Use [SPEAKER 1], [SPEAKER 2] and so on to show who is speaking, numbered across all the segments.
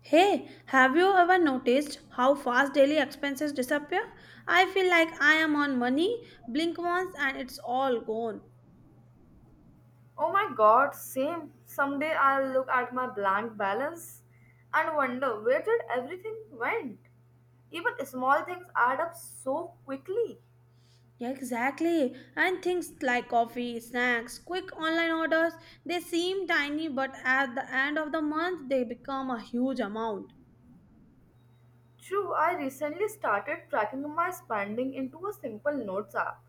[SPEAKER 1] Hey, have you ever noticed how fast daily expenses disappear? I feel like I am on money, blink once, and it's all gone.
[SPEAKER 2] Oh my god, same. Someday I'll look at my blank balance and wonder where did everything went. Even small things add up so quickly.
[SPEAKER 1] Yeah, exactly. And things like coffee, snacks, quick online orders, they seem tiny, but at the end of the month, they become a huge amount.
[SPEAKER 2] True, I recently started tracking my spending into a simple notes app.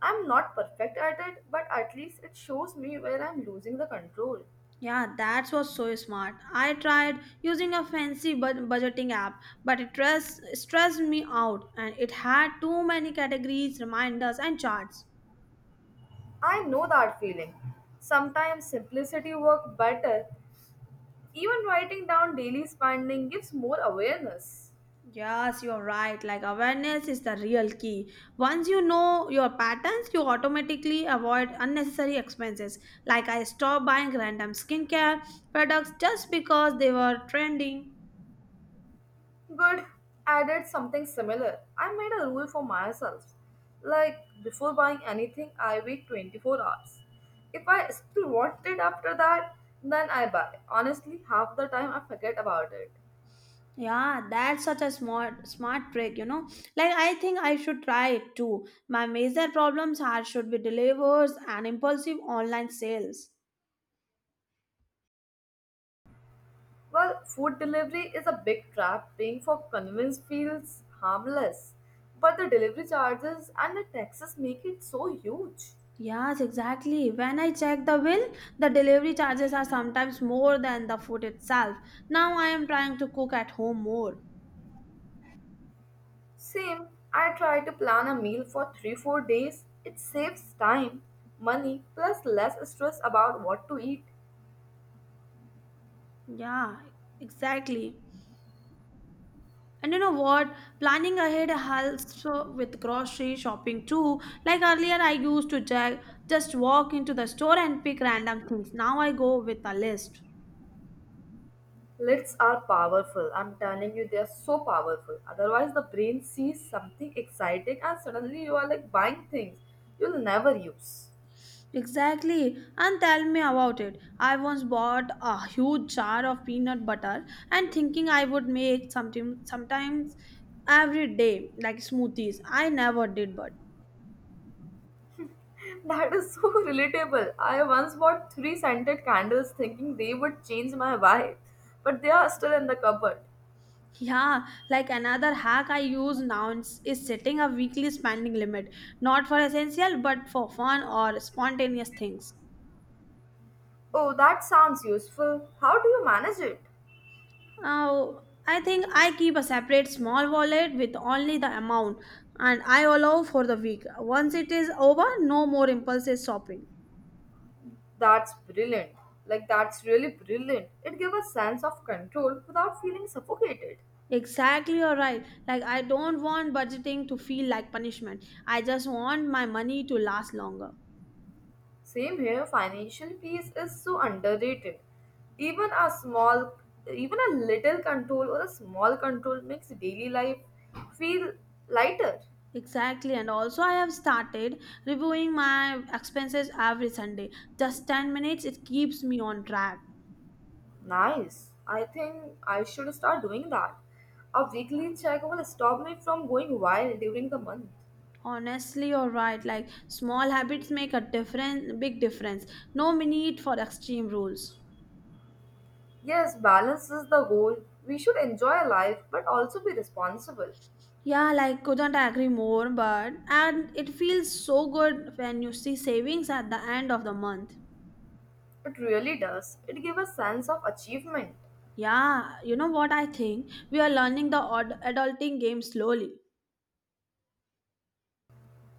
[SPEAKER 2] I'm not perfect at it, but at least it shows me where I'm losing the control.
[SPEAKER 1] Yeah, that was so smart. I tried using a fancy budgeting app, but it stressed me out and it had too many categories, reminders, and charts.
[SPEAKER 2] I know that feeling. Sometimes simplicity works better. Even writing down daily spending gives more awareness.
[SPEAKER 1] Yes, you're right. Like awareness is the real key. Once you know your patterns, you automatically avoid unnecessary expenses. Like I stopped buying random skincare products just because they were trending.
[SPEAKER 2] Good. I did something similar. I made a rule for myself. Like, before buying anything, I wait 24 hours. If I still want it after that, then I buy. Honestly, half the time I forget about it.
[SPEAKER 1] Yeah, that's such a smart trick. Like I think I should try it too. My major problems are should be deliveries and impulsive online sales.
[SPEAKER 2] Well, food delivery is a big trap. Paying for convenience feels harmless. But the delivery charges and the taxes make it so huge.
[SPEAKER 1] Yes, exactly. When I check the bill, the delivery charges are sometimes more than the food itself. Now I am trying to cook at home more.
[SPEAKER 2] Same, I try to plan a meal for 3 4 days. It saves time, money, plus less stress about what to eat.
[SPEAKER 1] Yeah, exactly. And you know what? Planning ahead helps with grocery shopping too. Like earlier, I used to just walk into the store and pick random things. Now I go with a list.
[SPEAKER 2] Lists are powerful. I'm telling you, they are so powerful. Otherwise, the brain sees something exciting and suddenly you are like buying things you'll never use.
[SPEAKER 1] Exactly, and tell me about it. I once bought a huge jar of peanut butter and thinking I would make something sometimes every day, like smoothies. I never did, but
[SPEAKER 2] That is so relatable. I once bought three scented candles thinking they would change my vibe, but they are still in the cupboard.
[SPEAKER 1] yeah, like another hack I use now is setting a weekly spending limit, not for essential but for fun or spontaneous things.
[SPEAKER 2] Oh, that sounds useful. How do you manage it?
[SPEAKER 1] Oh, I think I keep a separate small wallet with only the amount and I allow for the week. Once it is over, no more impulsive shopping.
[SPEAKER 2] That's brilliant. Like, that's really brilliant. It gives a sense of control without feeling suffocated.
[SPEAKER 1] Exactly, you're right. Like, I don't want budgeting to feel like punishment. I just want my money to last longer.
[SPEAKER 2] Same here, financial peace is so underrated. Even a small, even a little control or a small control makes daily life feel lighter.
[SPEAKER 1] Exactly, and also I have started reviewing my expenses every Sunday. Just 10 minutes, it keeps me on track.
[SPEAKER 2] Nice. I think I should start doing that. A weekly check will stop me from going wild during the month.
[SPEAKER 1] Honestly, you're right. Like small habits make a difference, big difference. No need for extreme rules.
[SPEAKER 2] Yes, balance is the goal. We should enjoy life but also be responsible.
[SPEAKER 1] Yeah, like couldn't agree more, but and it feels so good when you see savings at the end of the month.
[SPEAKER 2] It really does. It gives a sense of achievement.
[SPEAKER 1] Yeah, you know what I think? We are learning the adulting game slowly.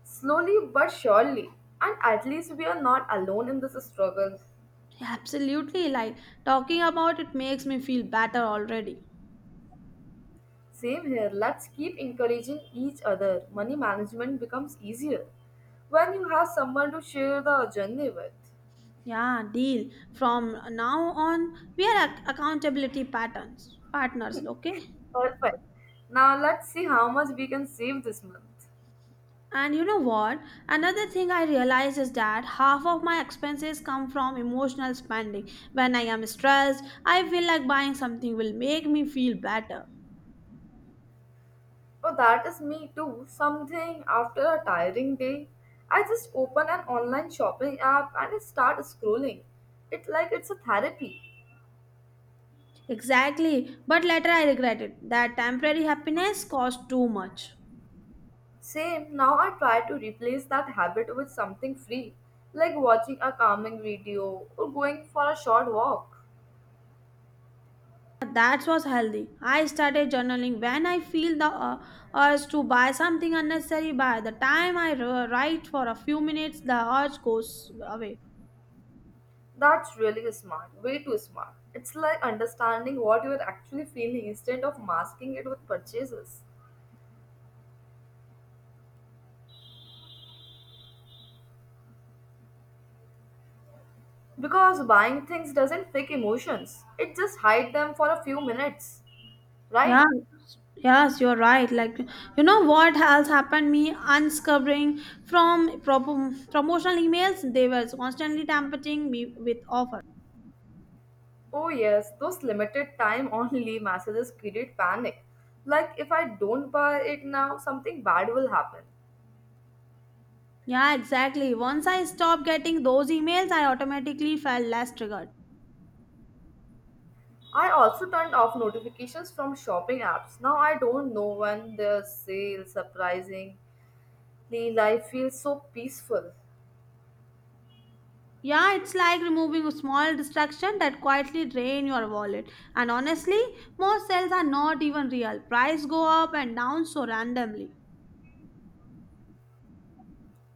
[SPEAKER 2] Slowly but surely. And at least we are not alone in this struggle.
[SPEAKER 1] Absolutely, like talking about it makes me feel better already.
[SPEAKER 2] Same here. Let's keep encouraging each other. Money management becomes easier when you have someone to share the journey with.
[SPEAKER 1] Yeah, deal. From now on, we are accountability patterns partners. Okay.
[SPEAKER 2] Perfect. Now let's see how much we can save this month.
[SPEAKER 1] And you know what? Another thing I realize is that half of my expenses come from emotional spending. When I am stressed, I feel like buying something will make me feel better.
[SPEAKER 2] Oh, that is me too. Something after a tiring day, I just open an online shopping app and I start scrolling. It's like it's a therapy.
[SPEAKER 1] Exactly, but later I regret it. That temporary happiness cost too much.
[SPEAKER 2] Same, now I try to replace that habit with something free, like watching a calming video or going for a short walk.
[SPEAKER 1] That was healthy. I started journaling when I feel the urge to buy something unnecessary. By the time I write for a few minutes, the urge goes away.
[SPEAKER 2] That's really smart, way too smart. It's like understanding what you're actually feeling instead of masking it with purchases. Because buying things doesn't fake emotions, it just hides them for a few minutes,
[SPEAKER 1] Yeah,
[SPEAKER 2] right?
[SPEAKER 1] yes, you're right. Like, you know what else happened? Me unscrubbing from promotional emails, they were constantly tampering me with offers.
[SPEAKER 2] Oh, yes, those limited time only messages create panic. Like, if I don't buy it now, something bad will happen.
[SPEAKER 1] Yeah, exactly. Once I stopped getting those emails, I automatically felt less triggered.
[SPEAKER 2] I also turned off notifications from shopping apps. Now I don't know when there's sale. Surprisingly, life feels so peaceful.
[SPEAKER 1] Yeah, it's like removing a small distraction that quietly drain your wallet. And honestly, most sales are not even real. Price go up and down so randomly.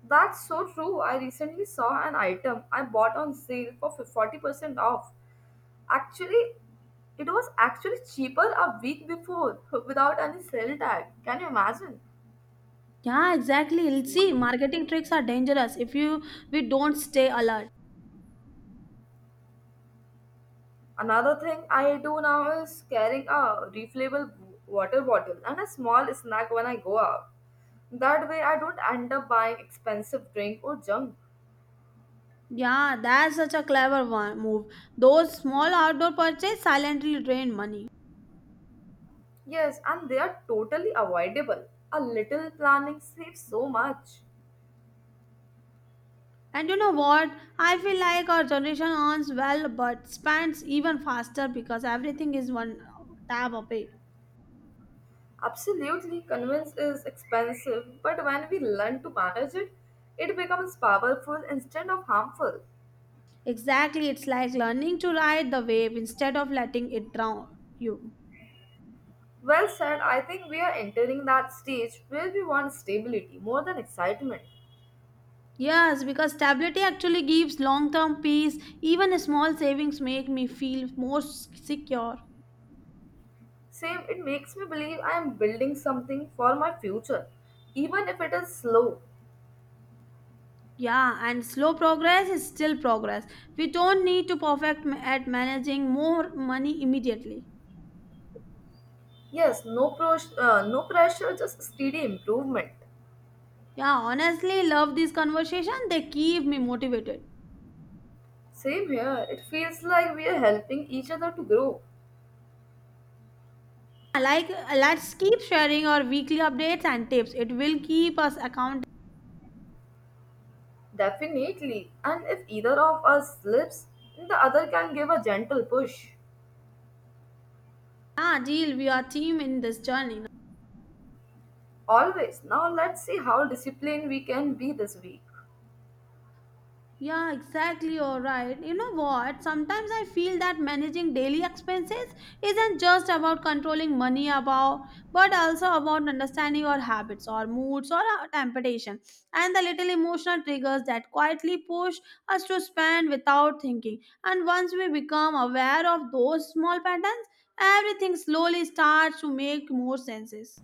[SPEAKER 2] That's so true. I recently saw an item I bought on sale for 40% off. Actually, it was actually cheaper a week before without any sale tag. Can you imagine?
[SPEAKER 1] Yeah, exactly. See, marketing tricks are dangerous if you we don't stay alert.
[SPEAKER 2] Another thing I do now is carrying a refillable water bottle and a small snack when I go out. That way, I don't end up buying expensive drink or junk.
[SPEAKER 1] Yeah, that's such a clever one move. Those small outdoor purchases silently drain money.
[SPEAKER 2] Yes, and they are totally avoidable. A little planning saves so much.
[SPEAKER 1] And you know what? I feel like our generation earns well but spends even faster because everything is one tab away.
[SPEAKER 2] Absolutely, convenience is expensive, but when we learn to manage it, it becomes powerful instead of harmful.
[SPEAKER 1] Exactly, it's like learning to ride the wave instead of letting it drown you.
[SPEAKER 2] Well said, I think we are entering that stage where we want stability more than excitement.
[SPEAKER 1] Yes, because stability actually gives long term peace. Even small savings make me feel more secure.
[SPEAKER 2] Same, it makes me believe I am building something for my future, even if it is slow.
[SPEAKER 1] Yeah, and slow progress is still progress. We don't need to perfect at managing more money immediately.
[SPEAKER 2] Yes, no pressure, just steady improvement.
[SPEAKER 1] Yeah, honestly, love this conversation. They keep me motivated.
[SPEAKER 2] Same here. It feels like we are helping each other to grow.
[SPEAKER 1] Like, let's keep sharing our weekly updates and tips. It will keep us accountable.
[SPEAKER 2] Definitely. And if either of us slips, the other can give a gentle push.
[SPEAKER 1] Yeah, deal. We are team in this journey.
[SPEAKER 2] Always. Now let's see how disciplined we can be this week.
[SPEAKER 1] Yeah, exactly. You're right. You know what? Sometimes I feel that managing daily expenses isn't just about controlling money about, but also about understanding your habits or moods or our temptation and the little emotional triggers that quietly push us to spend without thinking. And once we become aware of those small patterns, everything slowly starts to make more senses.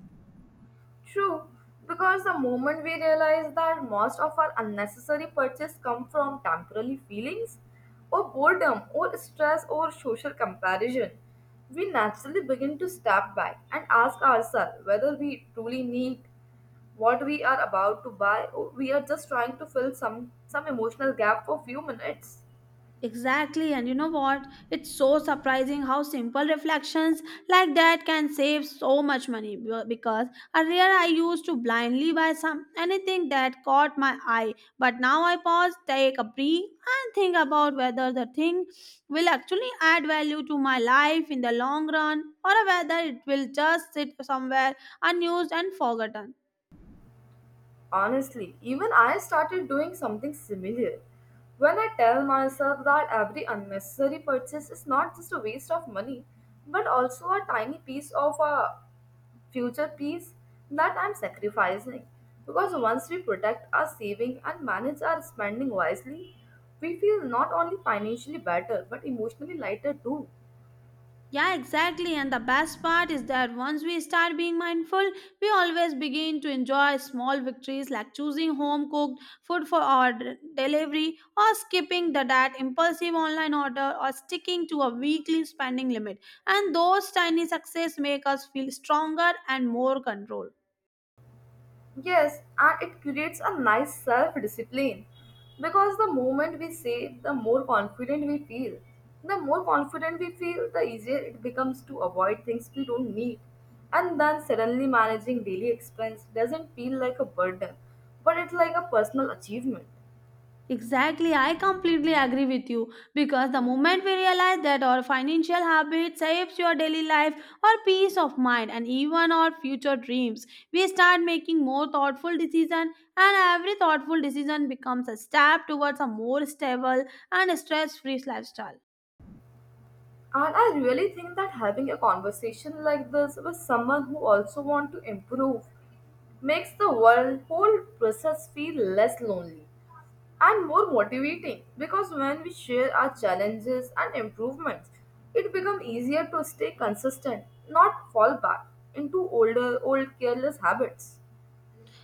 [SPEAKER 2] True, because the moment we realize that most of our unnecessary purchase come from temporary feelings or boredom or stress or social comparison, we naturally begin to step back and ask ourselves whether we truly need what we are about to buy or we are just trying to fill some emotional gap for few minutes.
[SPEAKER 1] Exactly, and you know what? It's so surprising how simple reflections like that can save so much money because earlier I used to blindly buy some anything that caught my eye, but now I pause, take a breath, and think about whether the thing will actually add value to my life in the long run or whether it will just sit somewhere unused and forgotten.
[SPEAKER 2] Honestly, even I started doing something similar. When I tell myself that every unnecessary purchase is not just a waste of money, but also a tiny piece of a future peace that I'm sacrificing. Because once we protect our saving and manage our spending wisely, we feel not only financially better but emotionally lighter too.
[SPEAKER 1] Yeah, exactly. And the best part is that once we start being mindful, we always begin to enjoy small victories like choosing home cooked food for our delivery, or skipping the that impulsive online order, or sticking to a weekly spending limit. And those tiny success make us feel stronger and more control.
[SPEAKER 2] Yes, and it creates a nice self discipline because the moment we say, the more confident we feel. The more confident we feel, the easier it becomes to avoid things we don't need. And then suddenly managing daily expense doesn't feel like a burden, but it's like a personal achievement.
[SPEAKER 1] Exactly, I completely agree with you because the moment we realize that our financial habit saves your daily life or peace of mind and even our future dreams, we start making more thoughtful decisions and every thoughtful decision becomes a step towards a more stable and stress-free lifestyle.
[SPEAKER 2] And I really think that having a conversation like this with someone who also wants to improve makes whole process feel less lonely and more motivating because when we share our challenges and improvements, it becomes easier to stay consistent, not fall back into old careless habits.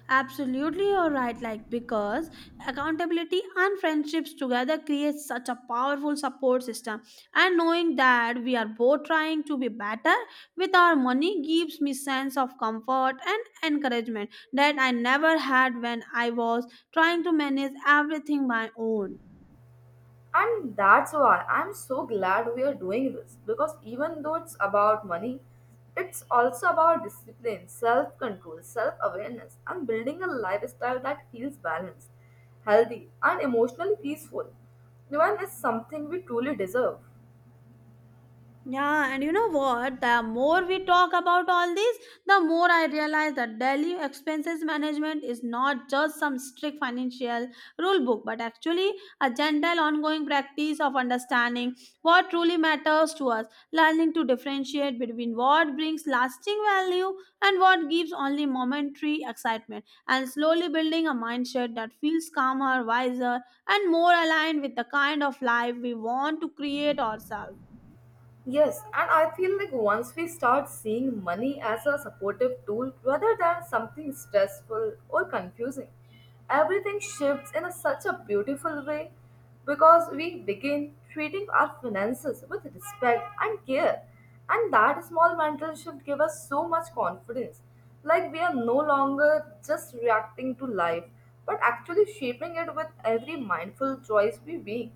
[SPEAKER 1] Absolutely, you're right. Like, because accountability and friendships together create such a powerful support system. And knowing that we are both trying to be better with our money gives me sense of comfort and encouragement that I never had when I was trying to manage everything my own.
[SPEAKER 2] And that's why I'm so glad we are doing this because even though it's about money, it's also about discipline, self control, self awareness, and building a lifestyle that feels balanced, healthy, and emotionally peaceful. When is something we truly deserve.
[SPEAKER 1] Yeah, and you know what? The more we talk about all this, the more I realize that daily expenses management is not just some strict financial rule book, but actually a gentle ongoing practice of understanding what truly matters to us, learning to differentiate between what brings lasting value and what gives only momentary excitement, and slowly building a mindset that feels calmer, wiser, and more aligned with the kind of life we want to create ourselves.
[SPEAKER 2] Yes, and I feel like once we start seeing money as a supportive tool rather than something stressful or confusing, everything shifts such a beautiful way because we begin treating our finances with respect and care. And that small mental shift gives us so much confidence. Like we are no longer just reacting to life, but actually shaping it with every mindful choice we make.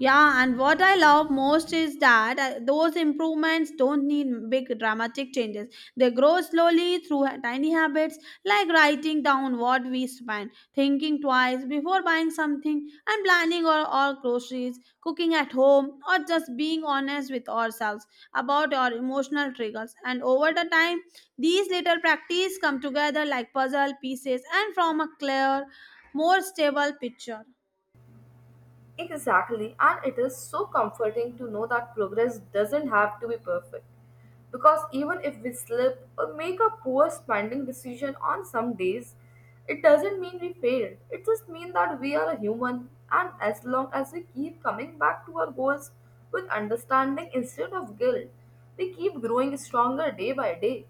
[SPEAKER 1] Yeah, and what I love most is that those improvements don't need big dramatic changes. They grow slowly through tiny habits like writing down what we spend, thinking twice before buying something, and planning our groceries, cooking at home, or just being honest with ourselves about our emotional triggers. And over the time, these little practices come together like puzzle pieces and form a clear, more stable picture.
[SPEAKER 2] Exactly, and it is so comforting to know that progress doesn't have to be perfect. Because even if we slip or make a poor spending decision on some days, it doesn't mean we failed. It just means that we are a human, and as long as we keep coming back to our goals with understanding instead of guilt, we keep growing stronger day by day.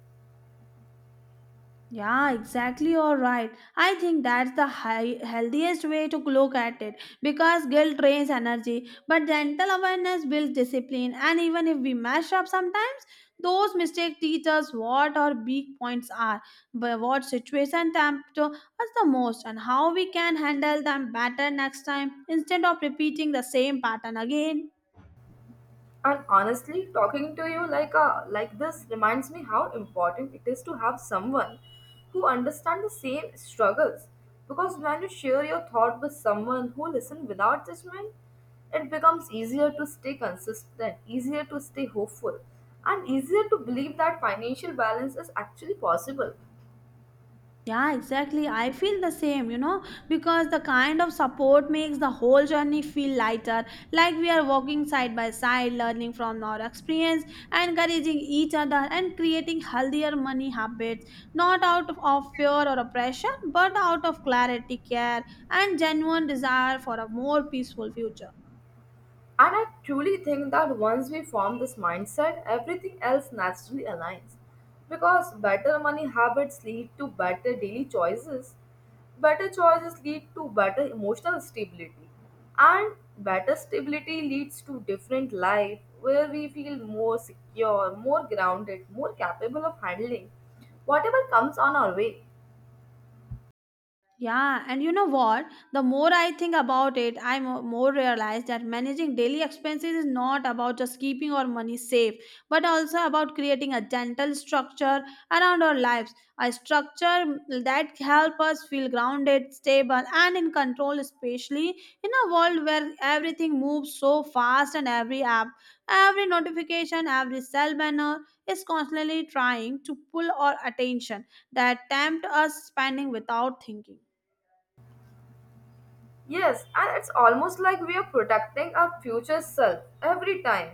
[SPEAKER 1] Yeah, exactly. You're right. I think that's healthiest way to look at it because guilt drains energy, but gentle awareness builds discipline. And even if we mess up sometimes, those mistakes teach us what our weak points are, but what situation tempt us the most, and how we can handle them better next time instead of repeating the same pattern again.
[SPEAKER 2] And honestly, talking to you like a, like this reminds me how important it is to have someone who understands the same struggles. Because when you share your thought with someone who listens without judgment, it becomes easier to stay consistent, easier to stay hopeful, and easier to believe that financial balance is actually possible.
[SPEAKER 1] Yeah, exactly. I feel the same, you know, because the kind of support makes the whole journey feel lighter. Like we are walking side by side, learning from our experience, encouraging each other, and creating healthier money habits, not of fear or oppression, but out of clarity, care, and genuine desire for a more peaceful future.
[SPEAKER 2] And I truly think that once we form this mindset, everything else naturally aligns. Because better money habits lead to better daily choices, better choices lead to better emotional stability, and better stability leads to different life where we feel more secure, more grounded, more capable of handling whatever comes on our way.
[SPEAKER 1] Yeah, and you know what? The more I think about it, I more realize that managing daily expenses is not about just keeping our money safe, but also about creating a gentle structure around our lives, a structure that help us feel grounded, stable, and in control, especially in a world where everything moves so fast and every app, every notification, every cell banner is constantly trying to pull our attention that tempt us spending without thinking.
[SPEAKER 2] Yes, and it's almost like we are protecting our future self every time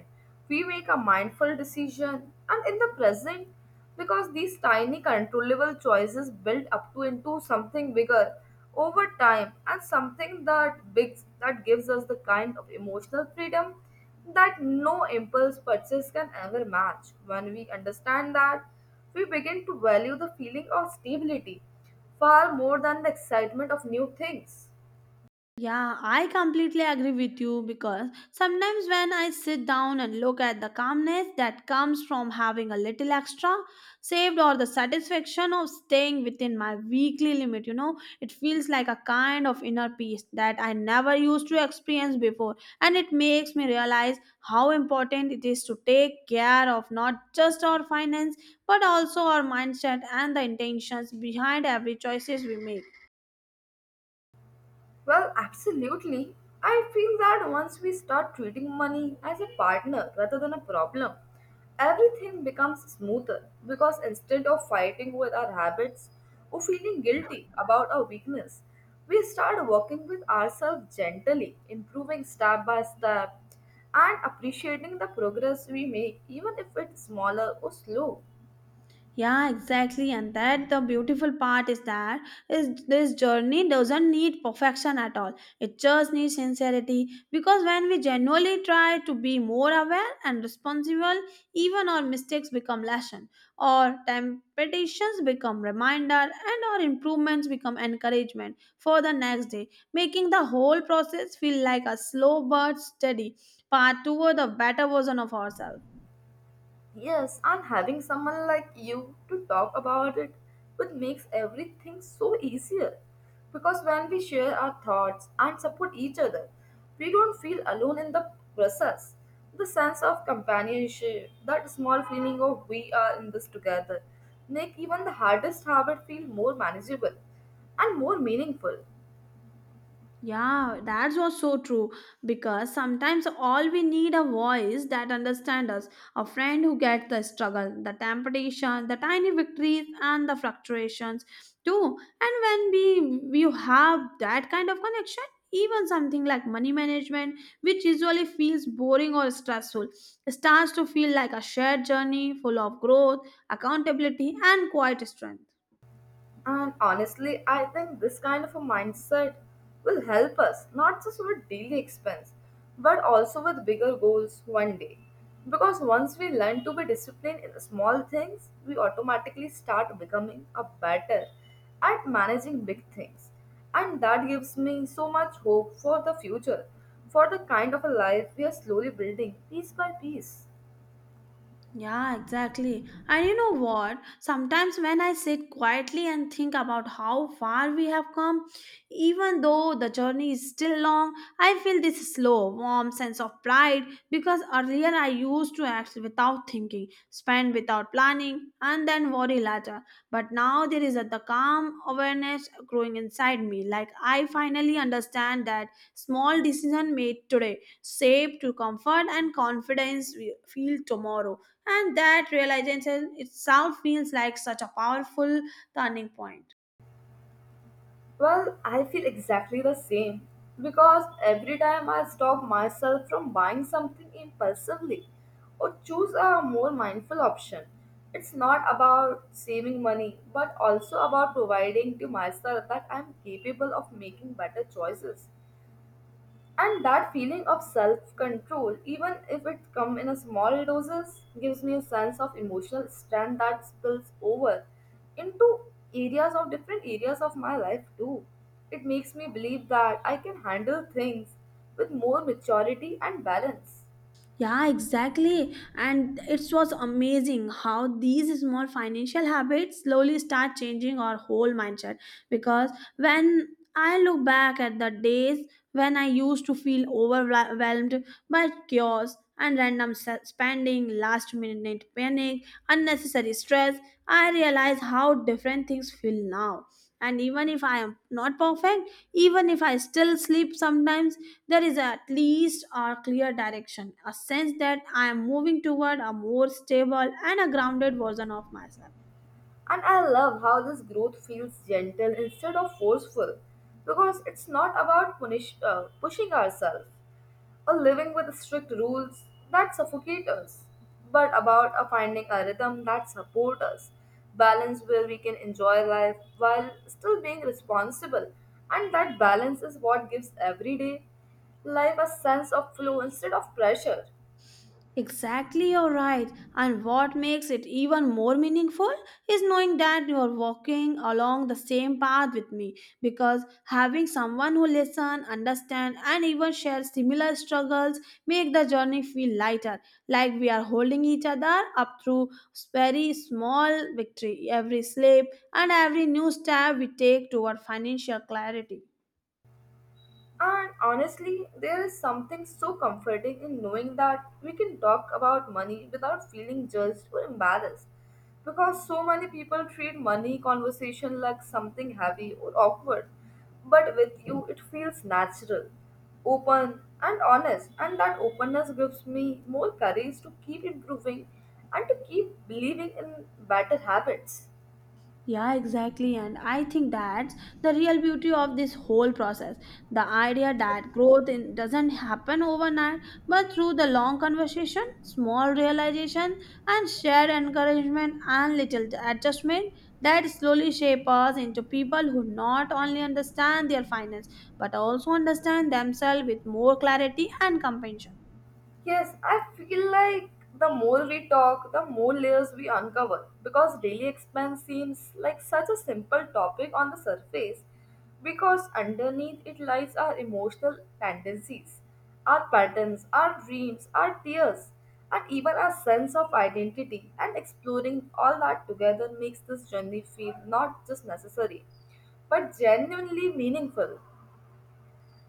[SPEAKER 2] we make a mindful decision and in the present because these tiny controllable choices build up to into something bigger over time and something that big that gives us the kind of emotional freedom that no impulse purchase can ever match when we understand that we begin to value the feeling of stability far more than the excitement of new things.
[SPEAKER 1] Yeah, I completely agree with you because sometimes when I sit down and look at the calmness that comes from having a little extra saved or the satisfaction of staying within my weekly limit, you know, it feels like a kind of inner peace that I never used to experience before. And it makes me realize how important it is to take care of not just our finance but also our mindset and the intentions behind every choices we make.
[SPEAKER 2] Well, absolutely. I feel that once we start treating money as a partner rather than a problem, everything becomes smoother because instead of fighting with our habits or feeling guilty about our weakness, we start working with ourselves gently, improving step by step, and appreciating the progress we make, even if it's smaller or slow.
[SPEAKER 1] Yeah, exactly. And that the beautiful part is that is this journey doesn't need perfection at all. It just needs sincerity because when we genuinely try to be more aware and responsible, even our mistakes become lesson, or temptations become reminder, and our improvements become encouragement for the next day, making the whole process feel like a slow but steady path toward a better version of ourselves.
[SPEAKER 2] Yes, and having someone like you to talk about it would makes everything so easier. Because when we share our thoughts and support each other, we don't feel alone in the process. The sense of companionship, that small feeling of we are in this together, make even the hardest habit feel more manageable and more meaningful.
[SPEAKER 1] Yeah, that's was so true because sometimes all we need a voice that understands us, a friend who gets the struggle, the temptation, the tiny victories and the fluctuations too. And when we you have that kind of connection, even something like money management, which usually feels boring or stressful, starts to feel like a shared journey full of growth, accountability and quiet strength.
[SPEAKER 2] And honestly, I think this kind of a mindset will help us not just with daily expense, but also with bigger goals one day. Because once we learn to be disciplined in the small things, we automatically start becoming a better at managing big things. And that gives me so much hope for the future, for the kind of a life we are slowly building piece by piece.
[SPEAKER 1] Yeah, exactly. And you know what? Sometimes when I sit quietly and think about how far we have come, even though the journey is still long, I feel this slow, warm sense of pride because earlier I used to act without thinking, spend without planning, and then worry later. But now there is the calm awareness growing inside me, like I finally understand that small decision made today, safe to comfort and confidence we feel tomorrow, and that realization itself feels like such a powerful turning point.
[SPEAKER 2] Well, I feel exactly the same because every time I stop myself from buying something impulsively or choose a more mindful option, it's not about saving money but also about providing to myself that I'm capable of making better choices. And that feeling of self control, even if it comes in a small doses, gives me a sense of emotional strength that spills over into areas of different areas of my life too. It makes me believe that I can handle things with more maturity and balance.
[SPEAKER 1] Yeah, exactly. And it was amazing how these small financial habits slowly start changing our whole mindset. Because when I look back at the days when I used to feel overwhelmed by chaos and random spending, last minute panic, unnecessary stress, I realize how different things feel now. And even if I am not perfect, even if I still sleep sometimes, there is at least a clear direction, a sense that I am moving toward a more stable and a grounded version of myself.
[SPEAKER 2] And I love how this growth feels gentle instead of forceful because it's not about pushing ourselves. Or living with strict rules that suffocate us, but about a finding a rhythm that supports us, balance where we can enjoy life while still being responsible, and that balance is what gives every day life a sense of flow instead of pressure.
[SPEAKER 1] Exactly, you're right. And what makes it even more meaningful is knowing that you're walking along the same path with me, because having someone who listens, understands, and even shares similar struggles make the journey feel lighter, like we are holding each other up through very small victory, every slip, and every new step we take toward financial clarity.
[SPEAKER 2] And honestly, there is something so comforting in knowing that we can talk about money without feeling judged or embarrassed. Because so many people treat money conversation like something heavy or awkward. But with you, it feels natural, open, and honest. And that openness gives me more courage to keep improving and to keep believing in better habits.
[SPEAKER 1] Yeah, exactly. And I think that's the real beauty of this whole process. The idea that doesn't happen overnight, but through the long conversation, small realization, and shared encouragement and little adjustment that slowly shape us into people who not only understand their finance, but also understand themselves with more clarity and compassion.
[SPEAKER 2] Yes, I feel like the more we talk, the more layers we uncover because daily expense seems like such a simple topic on the surface because underneath it lies our emotional tendencies, our patterns, our dreams, our tears, and even our sense of identity. And exploring all that together makes this journey feel not just necessary but genuinely meaningful.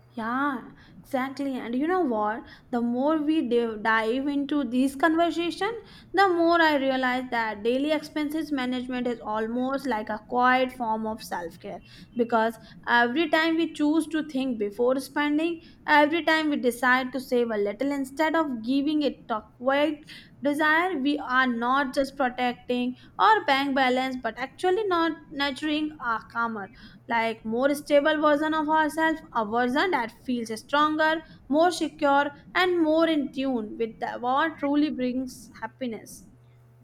[SPEAKER 1] Yeah, exactly. And you know what? The more we dive into this conversation, the more I realize that daily expenses management is almost like a quiet form of self care, because every time we choose to think before spending, every time we decide to save a little instead of giving it a quiet desire, we are not just protecting our bank balance but actually not nurturing our karma, like more stable version of ourselves, a version that feels stronger, more secure, and more in tune with what truly brings happiness.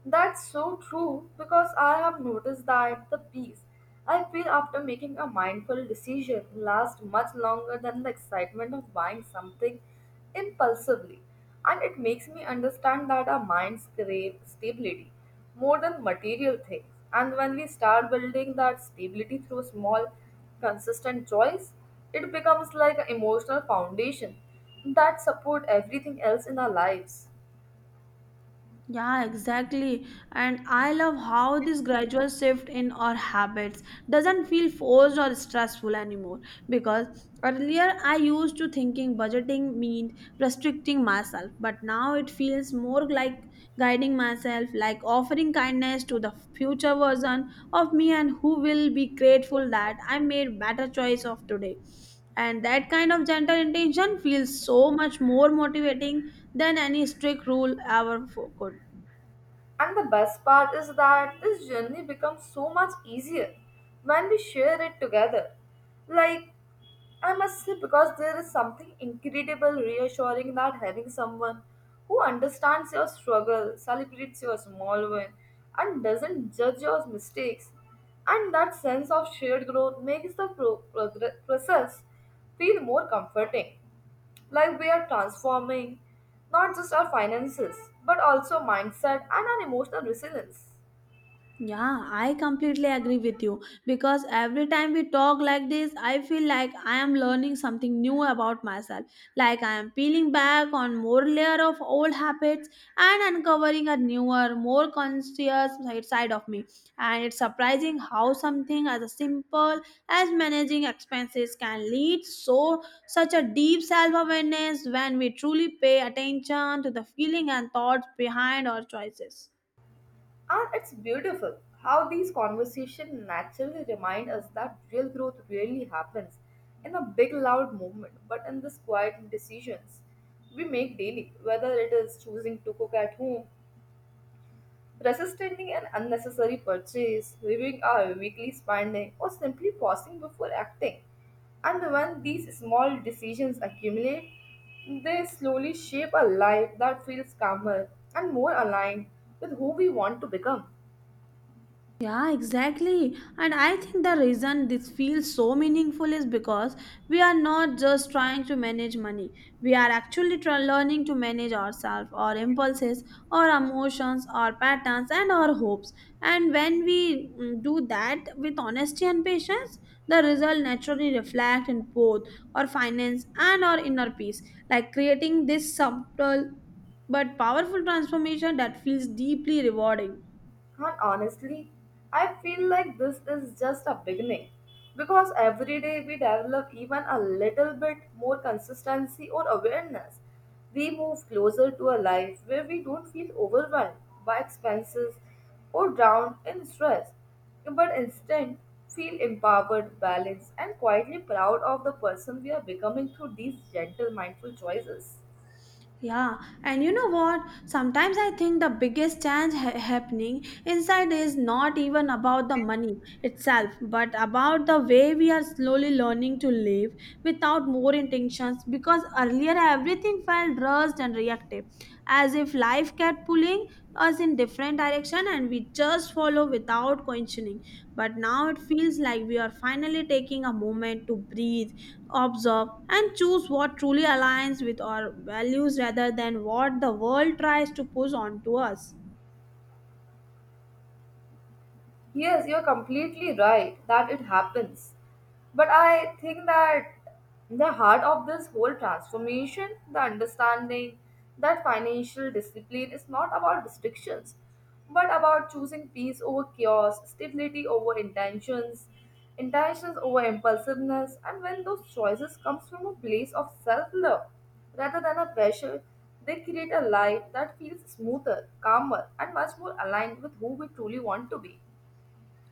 [SPEAKER 2] That's so true because I have noticed that the peace I feel after making a mindful decision lasts much longer than the excitement of buying something impulsively. And it makes me understand that our minds crave stability more than material things. And when we start building that stability through small, consistent choice, it becomes like an emotional foundation that support everything else in our lives.
[SPEAKER 1] Yeah, exactly. And I love how this gradual shift in our habits doesn't feel forced or stressful anymore, because earlier I used to thinking budgeting meant restricting myself, but now it feels more like guiding myself, like offering kindness to the future version of me and who will be grateful that I made better choice of today. And that kind of gentle intention feels so much more motivating than any strict rule ever could.
[SPEAKER 2] And the best part is that this journey becomes so much easier when we share it together. Like, I must say, because there is something incredible, reassuring that having someone who understands your struggle, celebrates your small win, and doesn't judge your mistakes, and that sense of shared growth makes the process feel more comforting. Like we are transforming not just our finances, but also mindset and our emotional resilience.
[SPEAKER 1] Yeah, I completely agree with you because every time we talk like this, I feel like I am learning something new about myself. Like I am peeling back on more layer of old habits and uncovering a newer, more conscious side of me. And it's surprising how something as simple as managing expenses can lead so such a deep self-awareness when we truly pay attention to the feeling and thoughts behind our choices.
[SPEAKER 2] And it's beautiful how these conversations naturally remind us that real growth really happens in a big, loud movement, but in these quiet decisions we make daily, whether it is choosing to cook at home, resisting an unnecessary purchase, reviewing our weekly spending, or simply pausing before acting. And when these small decisions accumulate, they slowly shape a life that feels calmer and more aligned with who we want to become.
[SPEAKER 1] Yeah, exactly. And I think the reason this feels so meaningful is because we are not just trying to manage money. We are actually learning to manage ourselves, our impulses, our emotions, our patterns, and our hopes. And when we do that with honesty and patience, the result naturally reflect in both our finance and our inner peace, like creating this subtle but powerful transformation that feels deeply rewarding.
[SPEAKER 2] And honestly, I feel like this is just a beginning because every day we develop even a little bit more consistency or awareness. We move closer to a life where we don't feel overwhelmed by expenses or drowned in stress, but instead feel empowered, balanced, and quietly proud of the person we are becoming through these gentle, mindful choices.
[SPEAKER 1] Yeah, and you know what? Sometimes I think the biggest change happening inside is not even about the money itself, but about the way we are slowly learning to live without more intentions. Because earlier everything felt rushed and reactive, as if life kept pulling us in different direction and we just follow without questioning. But now it feels like we are finally taking a moment to breathe, observe, and choose what truly aligns with our values rather than what the world tries to push onto us.
[SPEAKER 2] Yes, you're completely right that it happens. But I think that the heart of this whole transformation, the understanding that financial discipline is not about restrictions, but about choosing peace over chaos, stability over intentions, intentions over impulsiveness, and when those choices comes from a place of self-love rather than a pressure, they create a life that feels smoother, calmer, and much more aligned with who we truly want to be.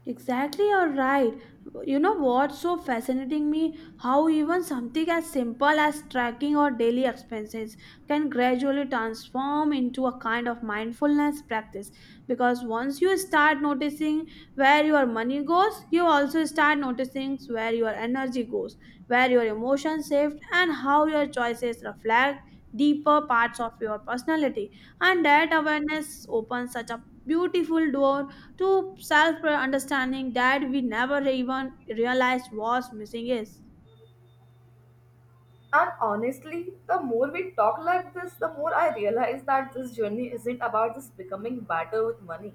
[SPEAKER 1] Exactly, you're right. You know what's so fascinating me? How even something as simple as tracking our daily expenses can gradually transform into a kind of mindfulness practice. Because once you start noticing where your money goes, you also start noticing where your energy goes, where your emotions shift, and how your choices reflect deeper parts of your personality. And that awareness opens such a beautiful door to self understanding that we never even realized was missing is.
[SPEAKER 2] And honestly, the more we talk like this, the more I realize that this journey isn't about just becoming better with money.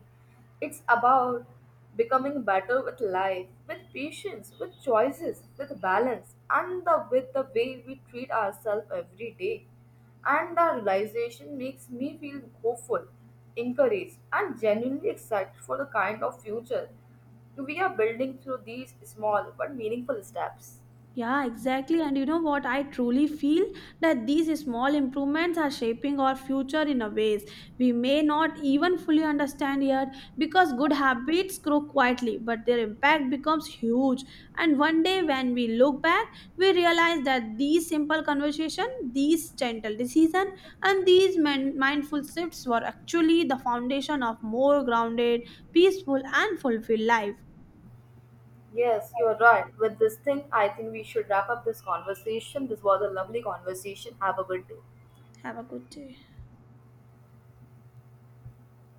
[SPEAKER 2] It's about becoming better with life, with patience, with choices, with balance, and with the way we treat ourselves every day. And the realization makes me feel hopeful, encouraged, and genuinely excited for the kind of future we are building through these small but meaningful steps.
[SPEAKER 1] Yeah, exactly. And you know what? I truly feel that these small improvements are shaping our future in a ways we may not even fully understand yet, because good habits grow quietly, but their impact becomes huge. And one day when we look back, we realize that these simple conversation, these gentle decision, and these mindful shifts were actually the foundation of more grounded, peaceful, and fulfilled life.
[SPEAKER 2] Yes, you are right. With this thing, I think we should wrap up this conversation. This was a lovely conversation. Have a good day.
[SPEAKER 1] Have a good day.